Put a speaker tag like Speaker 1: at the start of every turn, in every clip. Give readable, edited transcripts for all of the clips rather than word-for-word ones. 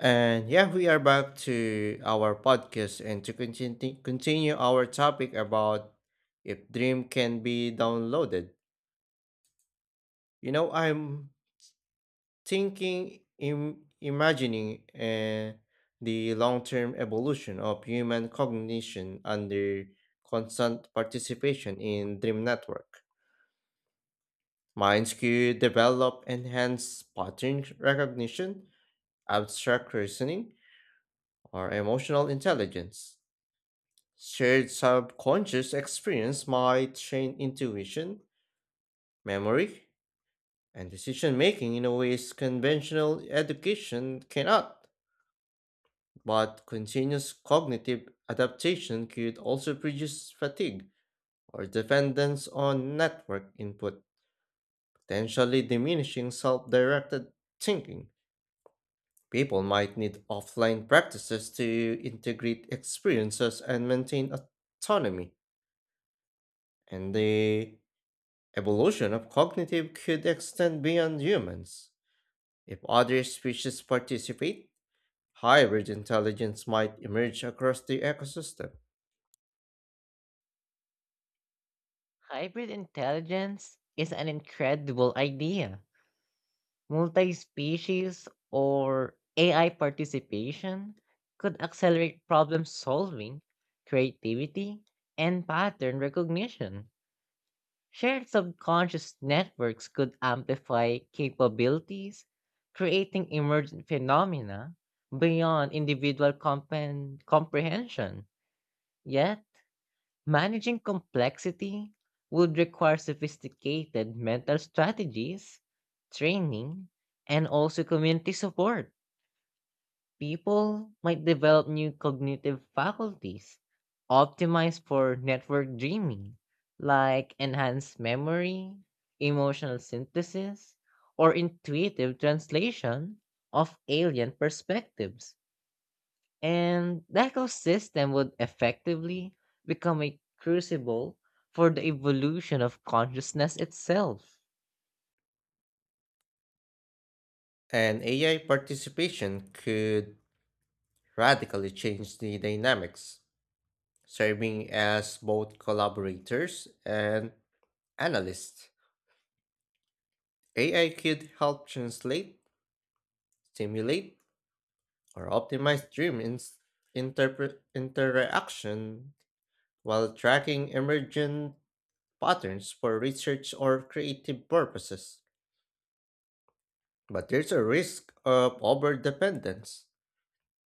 Speaker 1: And yeah, we are back to our podcast and to continue our topic about if dream can be downloaded. You know, I'm thinking imagining the long-term evolution of human cognition under constant participation in dream network. Minds could develop enhanced pattern recognition, abstract reasoning, or emotional intelligence. Shared subconscious experience might train intuition, memory, and decision making in a ways conventional education cannot, but continuous cognitive adaptation could also produce fatigue or dependence on network input, potentially diminishing self directed thinking. People might need offline practices to integrate experiences and maintain autonomy, and the evolution of cognitive could extend beyond humans. If other species participate, hybrid intelligence might emerge across the ecosystem,
Speaker 2: Hybrid intelligence is an incredible idea. Multi species or AI participation could accelerate problem solving, creativity, and pattern recognition. Shared subconscious networks could amplify capabilities, creating emergent phenomena beyond individual comprehension. Yet, managing complexity would require sophisticated mental strategies, training, and also community support. People might develop new cognitive faculties optimized for network dreaming, like enhanced memory, emotional synthesis, or intuitive translation of alien perspectives, and the ecosystem would effectively become a crucible for the evolution of consciousness itself.
Speaker 1: and AI participation could radically change the dynamics, serving as both collaborators and analysts. AI could help translate, simulate, or optimize interaction while tracking emergent patterns for research or creative purposes. But there's a risk of overdependence.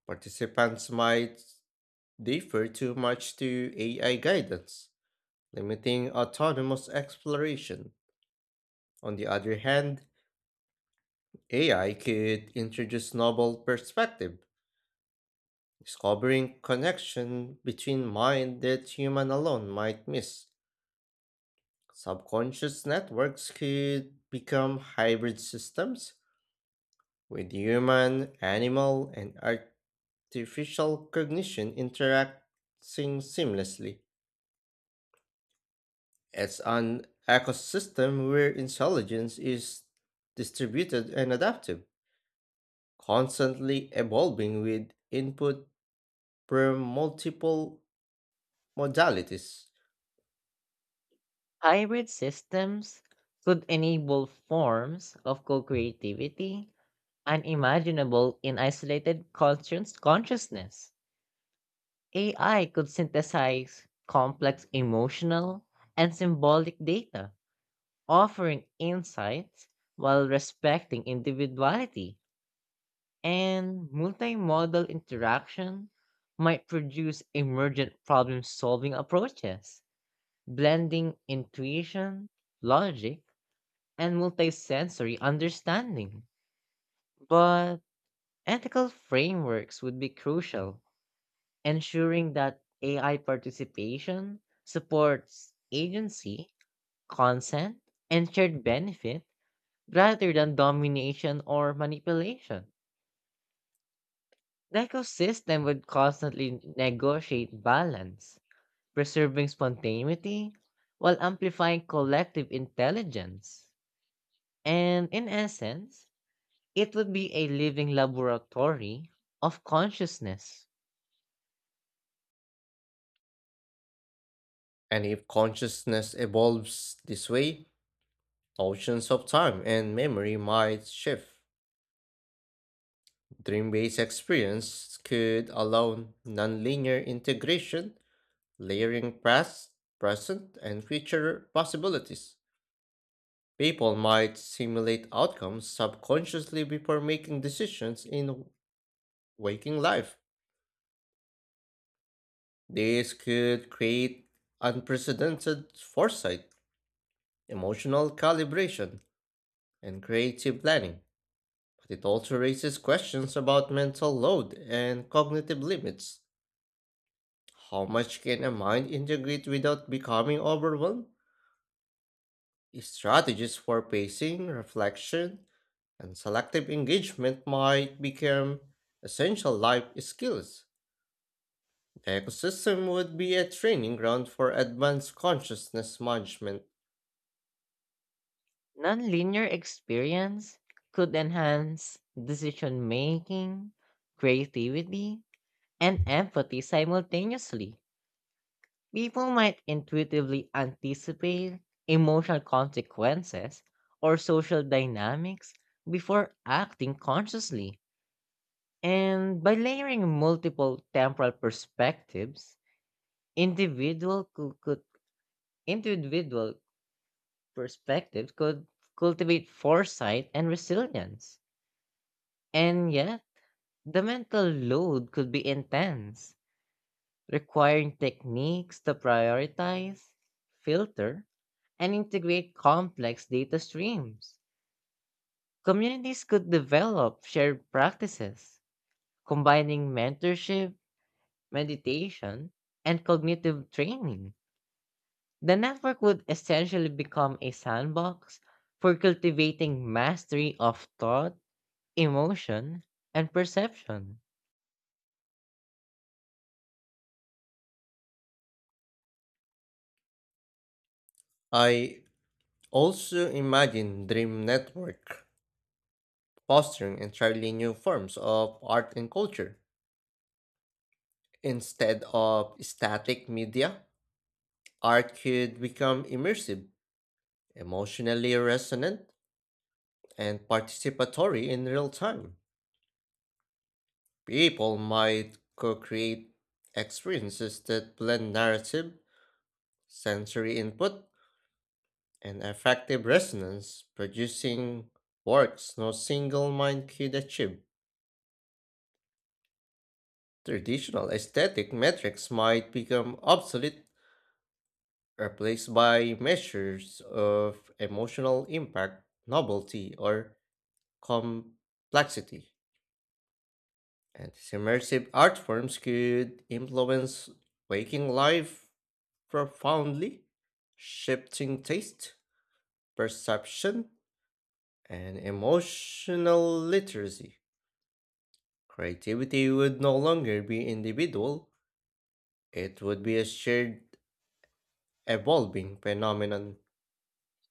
Speaker 1: Participants might defer too much to AI guidance, limiting autonomous exploration. On the other hand, AI could introduce novel perspective, discovering connection between mind that human alone might miss. Subconscious networks could become hybrid systems with human, animal, and artificial cognition interacting seamlessly. It's an ecosystem where intelligence is distributed and adaptive, constantly evolving with input from multiple modalities.
Speaker 2: Hybrid systems could enable forms of co creativity unimaginable in isolated conscious consciousness. AI could synthesize complex emotional and symbolic data, offering insights while respecting individuality. And multimodal interaction might produce emergent problem solving approaches, blending intuition, logic, and multisensory understanding. But ethical frameworks would be crucial, ensuring that AI participation supports agency, consent, and shared benefit rather than domination or manipulation. The ecosystem would constantly negotiate balance, preserving spontaneity while amplifying collective intelligence. And in essence, it would be a living laboratory of consciousness.
Speaker 1: And if consciousness evolves this way, notions of time and memory might shift. Dream based experience could allow nonlinear integration layering past, present, and future possibilities. People might simulate outcomes subconsciously before making decisions in waking life. This could create unprecedented foresight, emotional calibration, and creative planning. But it also raises questions about mental load and cognitive limits. How much can a mind integrate without becoming overwhelmed? Strategies for pacing, reflection, and selective engagement might become essential life skills. The ecosystem would be a training ground for advanced consciousness management.
Speaker 2: Nonlinear experience could enhance decision making, creativity, and empathy simultaneously. People might intuitively anticipate emotional consequences or social dynamics before acting consciously. And by layering multiple temporal perspectives, individual cou- could, individual perspectives could cultivate foresight and resilience. And yet, the mental load could be intense, requiring techniques to prioritize, filter, and integrate complex data streams. Communities could develop shared practices, combining mentorship, meditation, and cognitive training. The network would essentially become a sandbox for cultivating mastery of thought, emotion, and perception.
Speaker 1: I also imagine dream network fostering entirely new forms of art and culture. Instead of static media, art could become immersive, emotionally resonant, and participatory in real time. People might co create experiences that blend narrative, sensory input, and affective resonance, producing works no single mind could achieve. Traditional aesthetic metrics might become obsolete, replaced by measures of emotional impact, novelty, or complexity. And these immersive art forms could influence waking life profoundly, shifting taste, perception, and emotional literacy. Creativity would no longer be individual, it would be a shared, evolving phenomenon,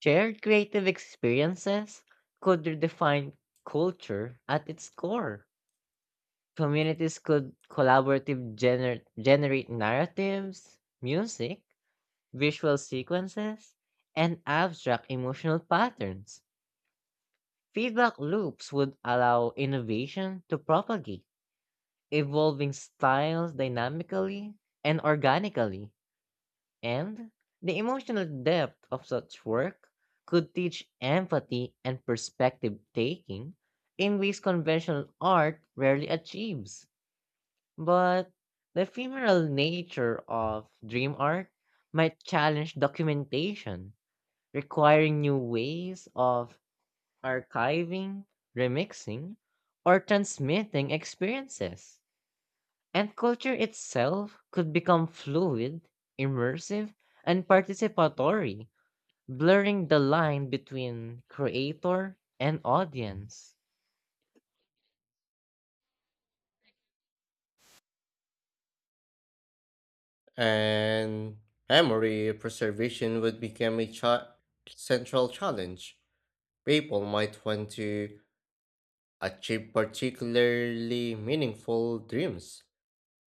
Speaker 2: Shared creative experiences could redefine culture at its core. Communities could collaborative generate narratives, music, visual sequences, and abstract emotional patterns. Feedback loops would allow innovation to propagate, evolving styles dynamically and organically. And the emotional depth of such work could teach empathy and perspective taking in ways conventional art rarely achieves. But the ephemeral nature of dream art might challenge documentation, requiring new ways of archiving, remixing, or transmitting experiences. And culture itself could become fluid, immersive, and participatory, blurring the line between creator and audience.
Speaker 1: and memory preservation would become a central challenge. People might want to achieve particularly meaningful dreams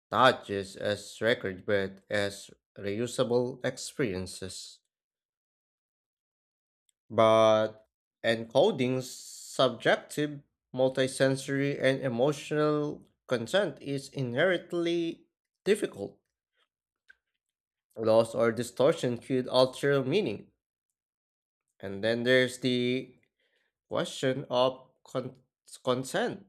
Speaker 1: not just as record but as reusable experiences. But encoding subjective, multisensory, and emotional content is inherently difficult. Loss or distortion could alter meaning. And then there's the question of consent.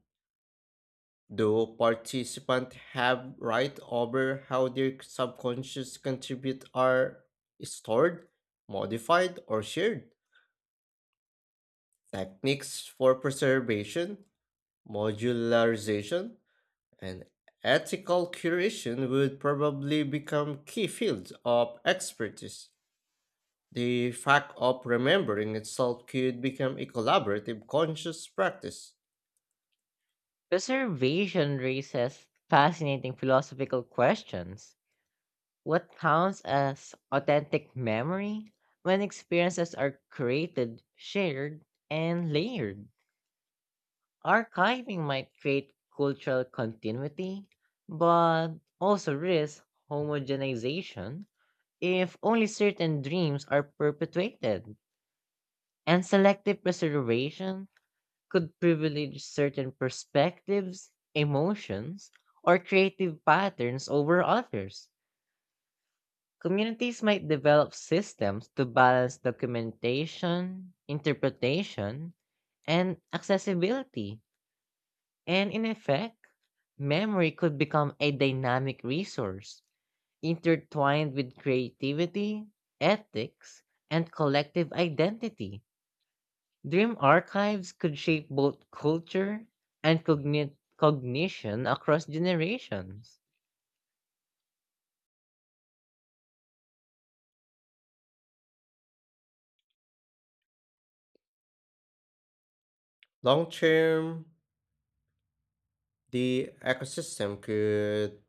Speaker 1: Do participants have right over how their subconscious contribute are stored, modified, or shared? Techniques for preservation, modularization, and ethical curation would probably become key fields of expertise. The fact of remembering itself could become a collaborative conscious practice.
Speaker 2: Preservation raises fascinating philosophical questions. What counts as authentic memory, when experiences are created, shared, and layered? Archiving might create cultural continuity, but also risk homogenization if only certain dreams are perpetuated. And selective preservation could privilege certain perspectives, emotions, or creative patterns over others. Communities might develop systems to balance documentation, interpretation, and accessibility. And in effect, memory could become a dynamic resource intertwined with creativity, ethics, and collective identity. Dream archives could shape both culture and cognition across generations.
Speaker 1: Long term, the ecosystem could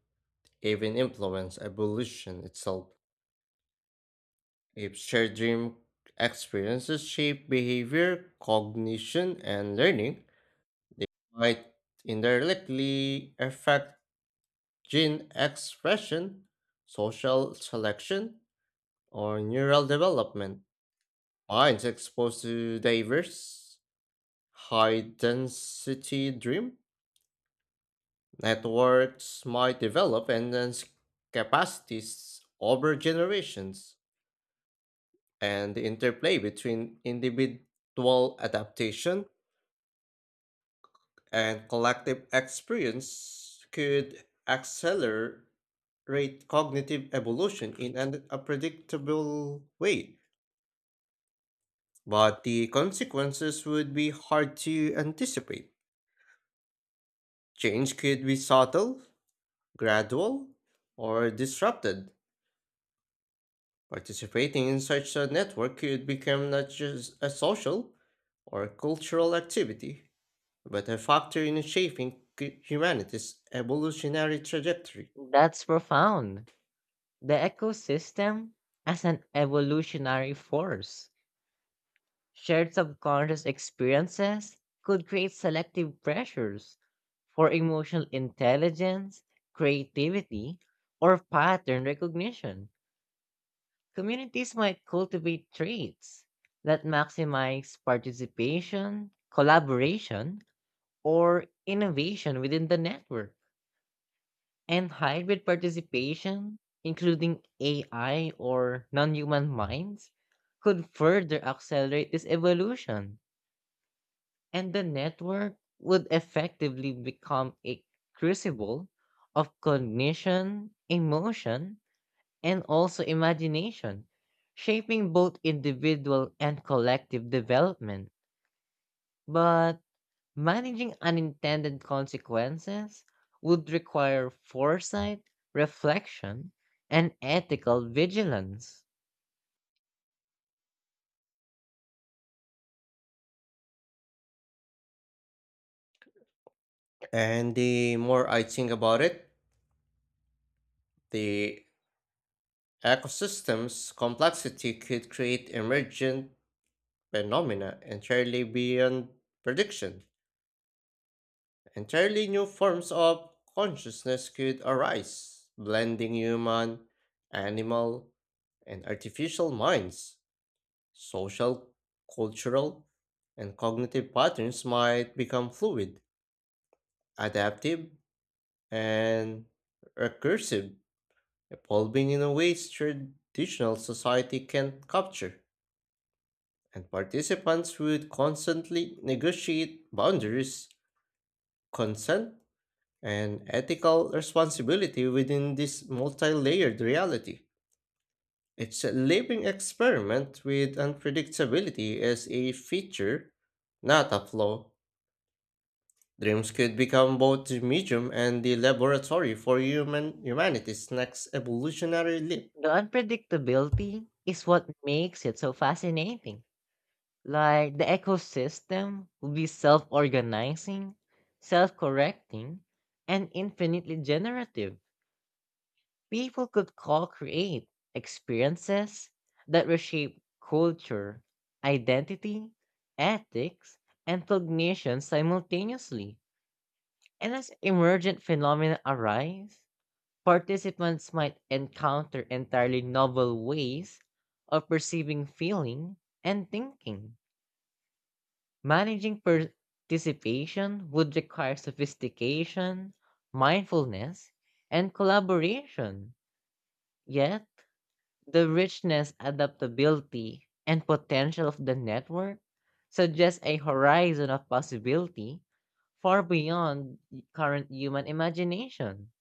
Speaker 1: even influence evolution itself. If shared dream experiences shape behavior, cognition, and learning, they might indirectly affect gene expression, social selection, or neural development. Minds exposed to diverse, high density dream networks might develop enhanced capacities over generations. And the interplay between individual adaptation and collective experience could accelerate cognitive evolution in an unpredictable way. But the consequences would be hard to anticipate. Change could be subtle, gradual, or disrupted. Participating in such a network could become not just a social or cultural activity, but a factor in shaping humanity's evolutionary trajectory.
Speaker 2: That's profound. The ecosystem, as an evolutionary force, shared subconscious experiences could create selective pressures for emotional intelligence, creativity, or pattern recognition. Communities might cultivate traits that maximize participation, collaboration, or innovation within the network. And hybrid participation, including AI or non human minds, could further accelerate this evolution. And the network would effectively become a crucible of cognition, emotion, and also imagination, shaping both individual and collective development. But managing unintended consequences would require foresight, reflection, and ethical vigilance.
Speaker 1: And the more I think about it, the ecosystem's complexity could create emergent phenomena entirely beyond prediction. Entirely new forms of consciousness could arise, blending human, animal, and artificial minds. Social, cultural, and cognitive patterns might become fluid, adaptive, and recursive, evolving in a way traditional society can't capture. And participants would constantly negotiate boundaries, consent, and ethical responsibility within this multi layered reality. It's a living experiment with unpredictability as a feature, not a flaw. Dreams could become both the medium and the laboratory for human humanity's next evolutionary leap.
Speaker 2: The unpredictability is what makes it so fascinating. Like, the ecosystem will be self organizing, self correcting, and infinitely generative. People could co-create experiences that reshape culture, identity, ethics, and cognition simultaneously. And as emergent phenomena arise, participants might encounter entirely novel ways of perceiving, feeling, and thinking. Managing participation would require sophistication, mindfulness, and collaboration. Yet, the richness, adaptability, and potential of the network suggests a horizon of possibility far beyond current human imagination.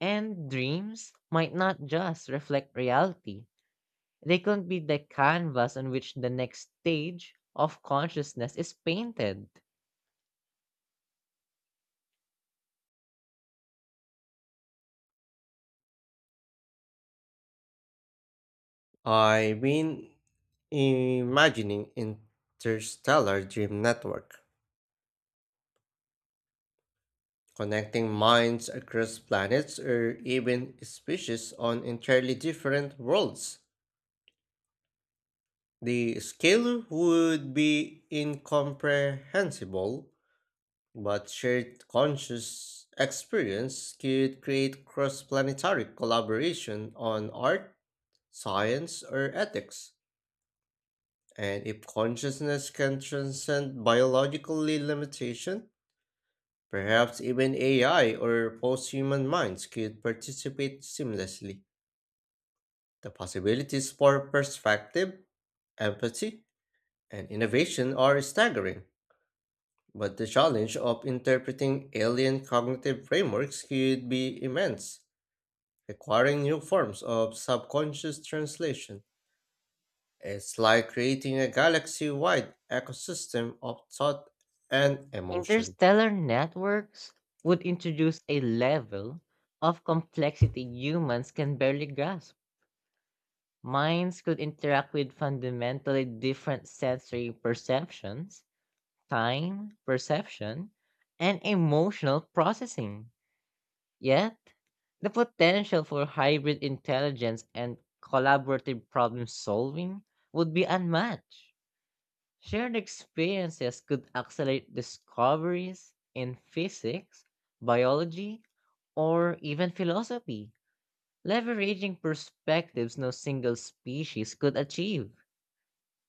Speaker 2: And dreams might not just reflect reality, they could be the canvas on which the next stage of consciousness is painted.
Speaker 1: I've been imagining interstellar dream network, connecting minds across planets or even species on entirely different worlds. The scale would be incomprehensible, but shared conscious experience could create cross planetary collaboration on art, science, or ethics. And if consciousness can transcend biologically limitation, perhaps even AI or post human minds could participate seamlessly. The possibilities for perspective, empathy, and innovation are staggering. But the challenge of interpreting alien cognitive frameworks could be immense, requiring new forms of subconscious translation. It's like creating a galaxy wide ecosystem of thought and emotion.
Speaker 2: Interstellar networks would introduce a level of complexity humans can barely grasp. Minds could interact with fundamentally different sensory perceptions, time perception, and emotional processing. Yet, the potential for hybrid intelligence and collaborative problem solving would be unmatched. Shared experiences could accelerate discoveries in physics, biology, or even philosophy, leveraging perspectives no single species could achieve.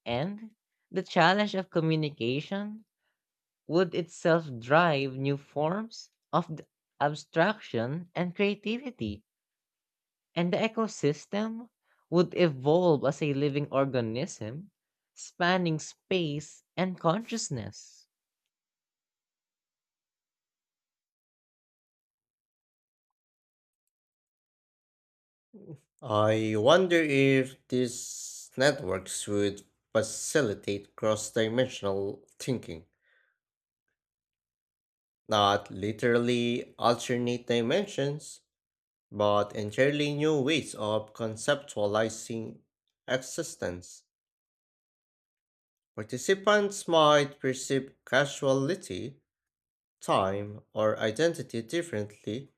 Speaker 2: And the challenge of communication would itself drive new forms of abstraction and creativity, and the ecosystem would evolve as a living organism spanning space and consciousness.
Speaker 1: I wonder if these networks would facilitate cross dimensional thinking, not literally alternate dimensions, but entirely new ways of conceptualizing existence. Participants might perceive causality, time, or identity differently,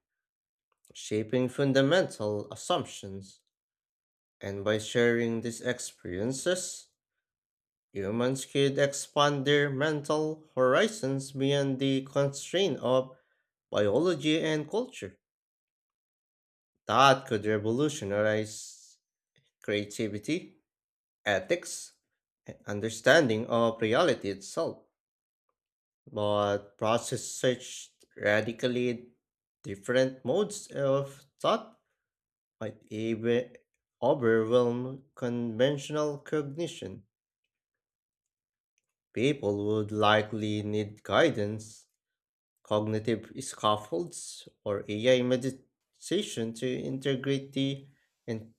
Speaker 1: shaping fundamental assumptions. And by sharing these experiences, humans could expand their mental horizons beyond the constraint of biology and culture. That could revolutionize creativity ethics, and understanding of reality itself, but process such radically different modes of thought might even overwhelm conventional cognition. People would likely need guidance, cognitive scaffolds, or AI meditation to integrate the in-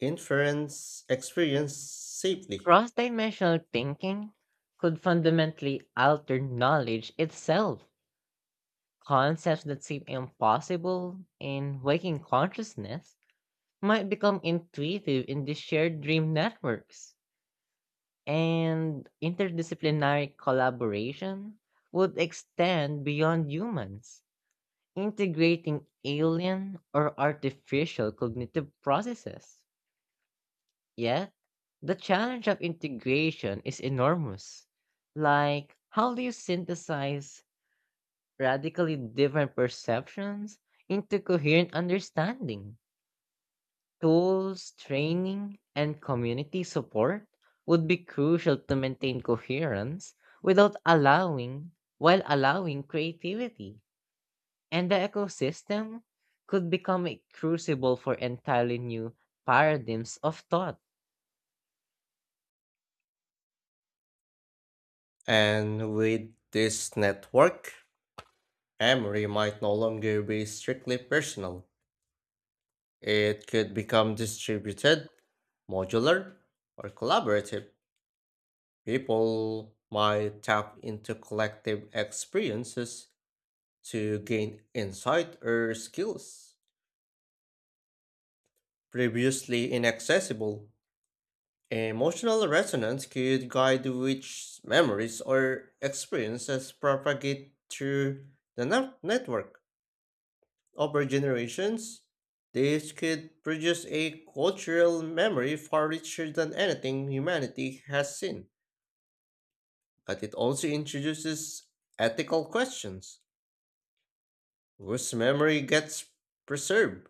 Speaker 1: inference experience safely.
Speaker 2: Cross dimensional thinking could fundamentally alter knowledge itself. Concepts that seem impossible in waking consciousness might become intuitive in these shared dream networks. And interdisciplinary collaboration would extend beyond humans, integrating alien or artificial cognitive processes. Yeah, the challenge of integration is enormous. Like, how do you synthesize radically different perceptions into coherent understanding? Tools, training, and community support would be crucial to maintain coherence without allowing, while allowing creativity. And the ecosystem could become a crucible for entirely new paradigms of thought.
Speaker 1: And with this network, memory might no longer be strictly personal. It could become distributed, modular, or collaborative. People might tap into collective experiences to gain insight or skills previously inaccessible. Emotional resonance could guide which memories or experiences propagate through the network. Over generations, this could produce a cultural memory far richer than anything humanity has seen. But it also introduces ethical questions. Whose memory gets preserved?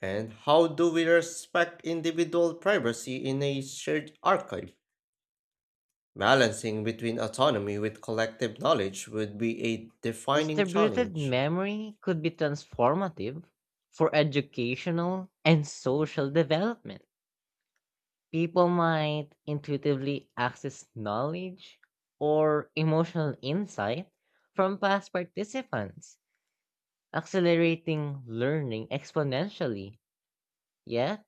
Speaker 1: And how do we respect individual privacy in a shared archive? Balancing between autonomy with collective knowledge would be a defining
Speaker 2: Distributed
Speaker 1: challenge.
Speaker 2: memory could be transformative for educational and social development. People might intuitively access knowledge or emotional insight from past participants, accelerating learning exponentially. Yet,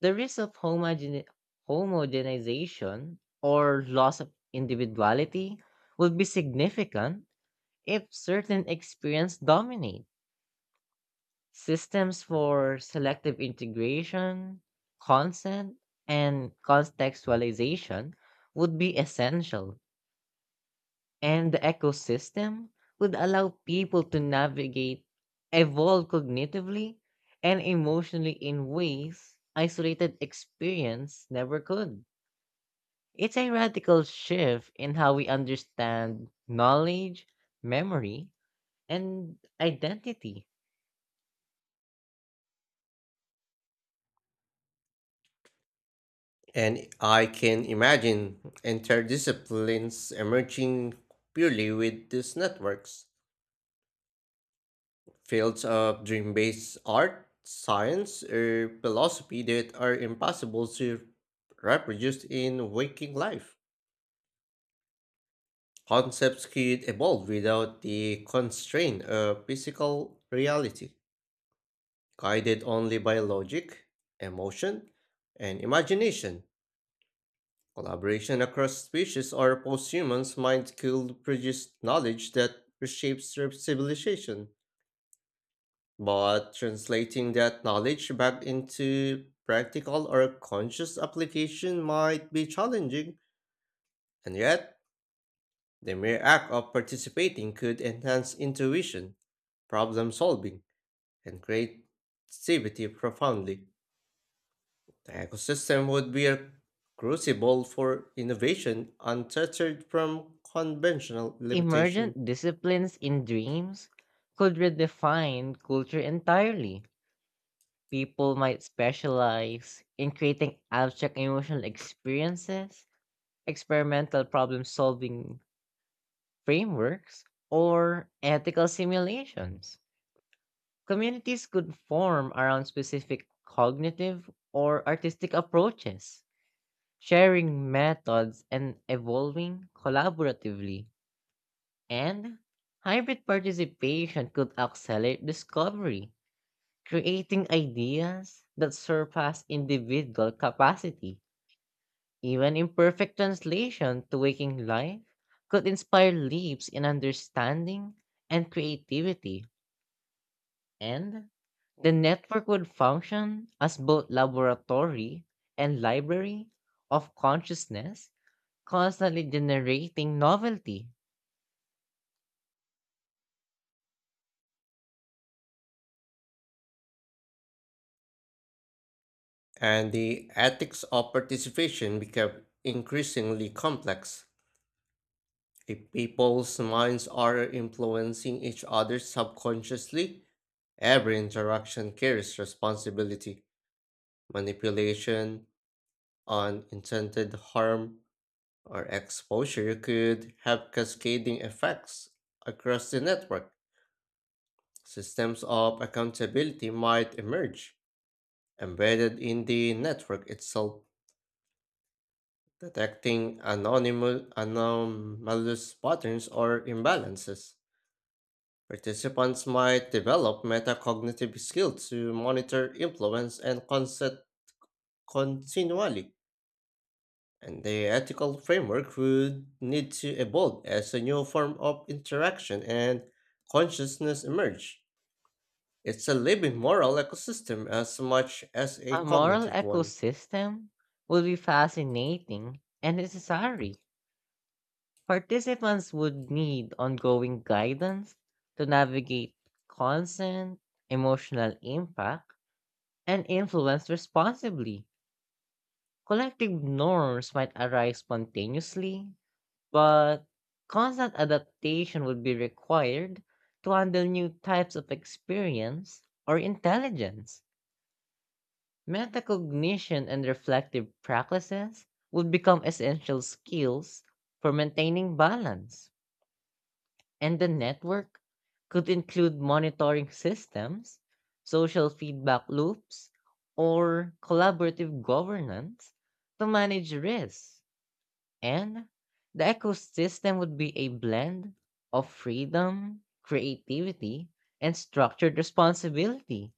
Speaker 2: the risk of homogenization or loss of individuality would be significant if certain experience dominate. Systems for selective integration, consent, and contextualization would be essential, and the ecosystem would allow people to navigate, evolve cognitively, and emotionally in ways isolated experience never could. It's a radical shift in how we understand knowledge, memory, and identity.
Speaker 1: And I can imagine entire disciplines emerging purely with these networks. Fields of dream based art, science, or philosophy that are impossible to reproduce in waking life. Concepts could evolve without the constraint of physical reality, guided only by logic, emotion, and imagination. Collaboration across species or post humans might could produce knowledge that reshapes their civilization, but translating that knowledge back into practical or conscious application might be challenging, and yet, the mere act of participating could enhance intuition, problem solving, and creativity profoundly. The ecosystem would be a crucible for innovation untethered from conventional limitation,
Speaker 2: Emergent disciplines in dreams could redefine culture entirely. People might specialize in creating abstract emotional experiences, experimental problem solving frameworks, or ethical simulations. Communities could form around specific cognitive or artistic approaches, sharing methods and evolving collaboratively. And hybrid participation could accelerate discovery, creating ideas that surpass individual capacity. Even imperfect translation to waking life could inspire leaps in understanding and creativity. And the network would function as both laboratory and library of consciousness, constantly generating novelty.
Speaker 1: and the ethics of participation become increasingly complex. If people's minds are influencing each other subconsciously, every interaction carries responsibility. Manipulation, unintended harm, or exposure could have cascading effects across the network. Systems of accountability might emerge, embedded in the network itself, detecting anonymous, anomalous patterns or imbalances. Participants might develop metacognitive skills to monitor influence and consent continually, and the ethical framework would need to evolve as a new form of interaction and consciousness emerge. It's a living moral ecosystem as much as
Speaker 2: A
Speaker 1: a
Speaker 2: moral
Speaker 1: cognitive one.
Speaker 2: ecosystem would be fascinating and necessary. Participants would need ongoing guidance to navigate consent, emotional impact, and influence responsibly. Collective norms might arise spontaneously, but constant adaptation would be required to handle new types of experience or intelligence. Metacognition and reflective practices would become essential skills for maintaining balance, and the network could include monitoring systems, social feedback loops, or collaborative governance to manage risks. And the ecosystem would be a blend of freedom, creativity, and structured responsibility,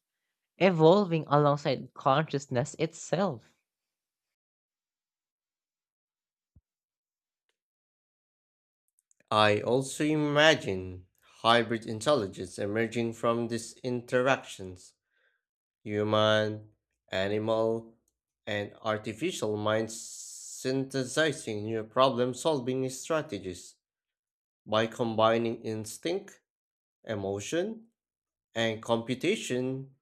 Speaker 2: evolving alongside consciousness itself.
Speaker 1: I also imagine hybrid intelligence emerging from these interactions human, animal, and artificial minds synthesizing new problem solving strategies. By combining instinct, emotion, and computation,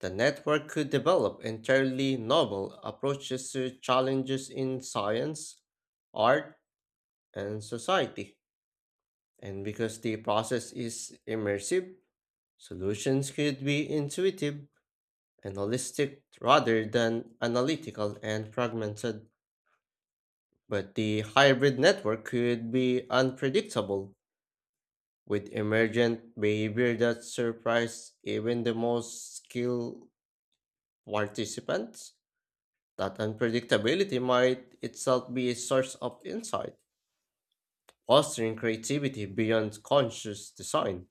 Speaker 1: the network could develop entirely novel approaches to challenges in science, art, and society. And because the process is immersive, solutions could be intuitive and holistic rather than analytical and fragmented. But the hybrid network could be unpredictable, with emergent behavior that surprised even the most skilled participants. That unpredictability might itself be a source of insight, fostering creativity beyond conscious design.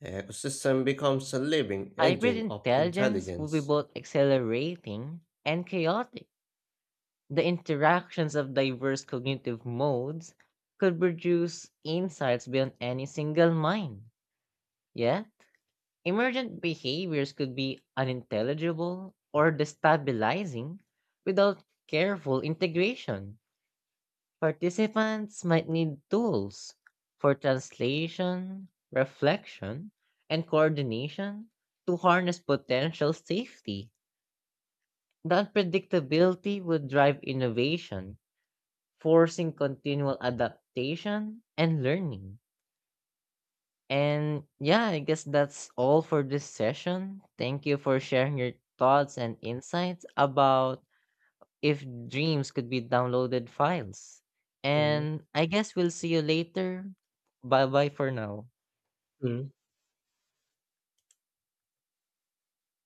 Speaker 1: The ecosystem becomes a living
Speaker 2: Hybrid
Speaker 1: engine of
Speaker 2: intelligence will be
Speaker 1: intelligence.
Speaker 2: both accelerating and chaotic. The interactions of diverse cognitive modes could produce insights beyond any single mind. Yet, emergent behaviors could be unintelligible or destabilizing without careful integration. Participants might need tools for translation, reflection, and coordination to harness potential safety. That predictability would drive innovation, forcing continual adaptation and learning. And yeah, I guess that's all for this session. Thank you for sharing your thoughts and insights about if dreams could be downloaded files.
Speaker 1: Mm,
Speaker 2: And I guess we'll see you later. Bye bye for now.
Speaker 1: mm.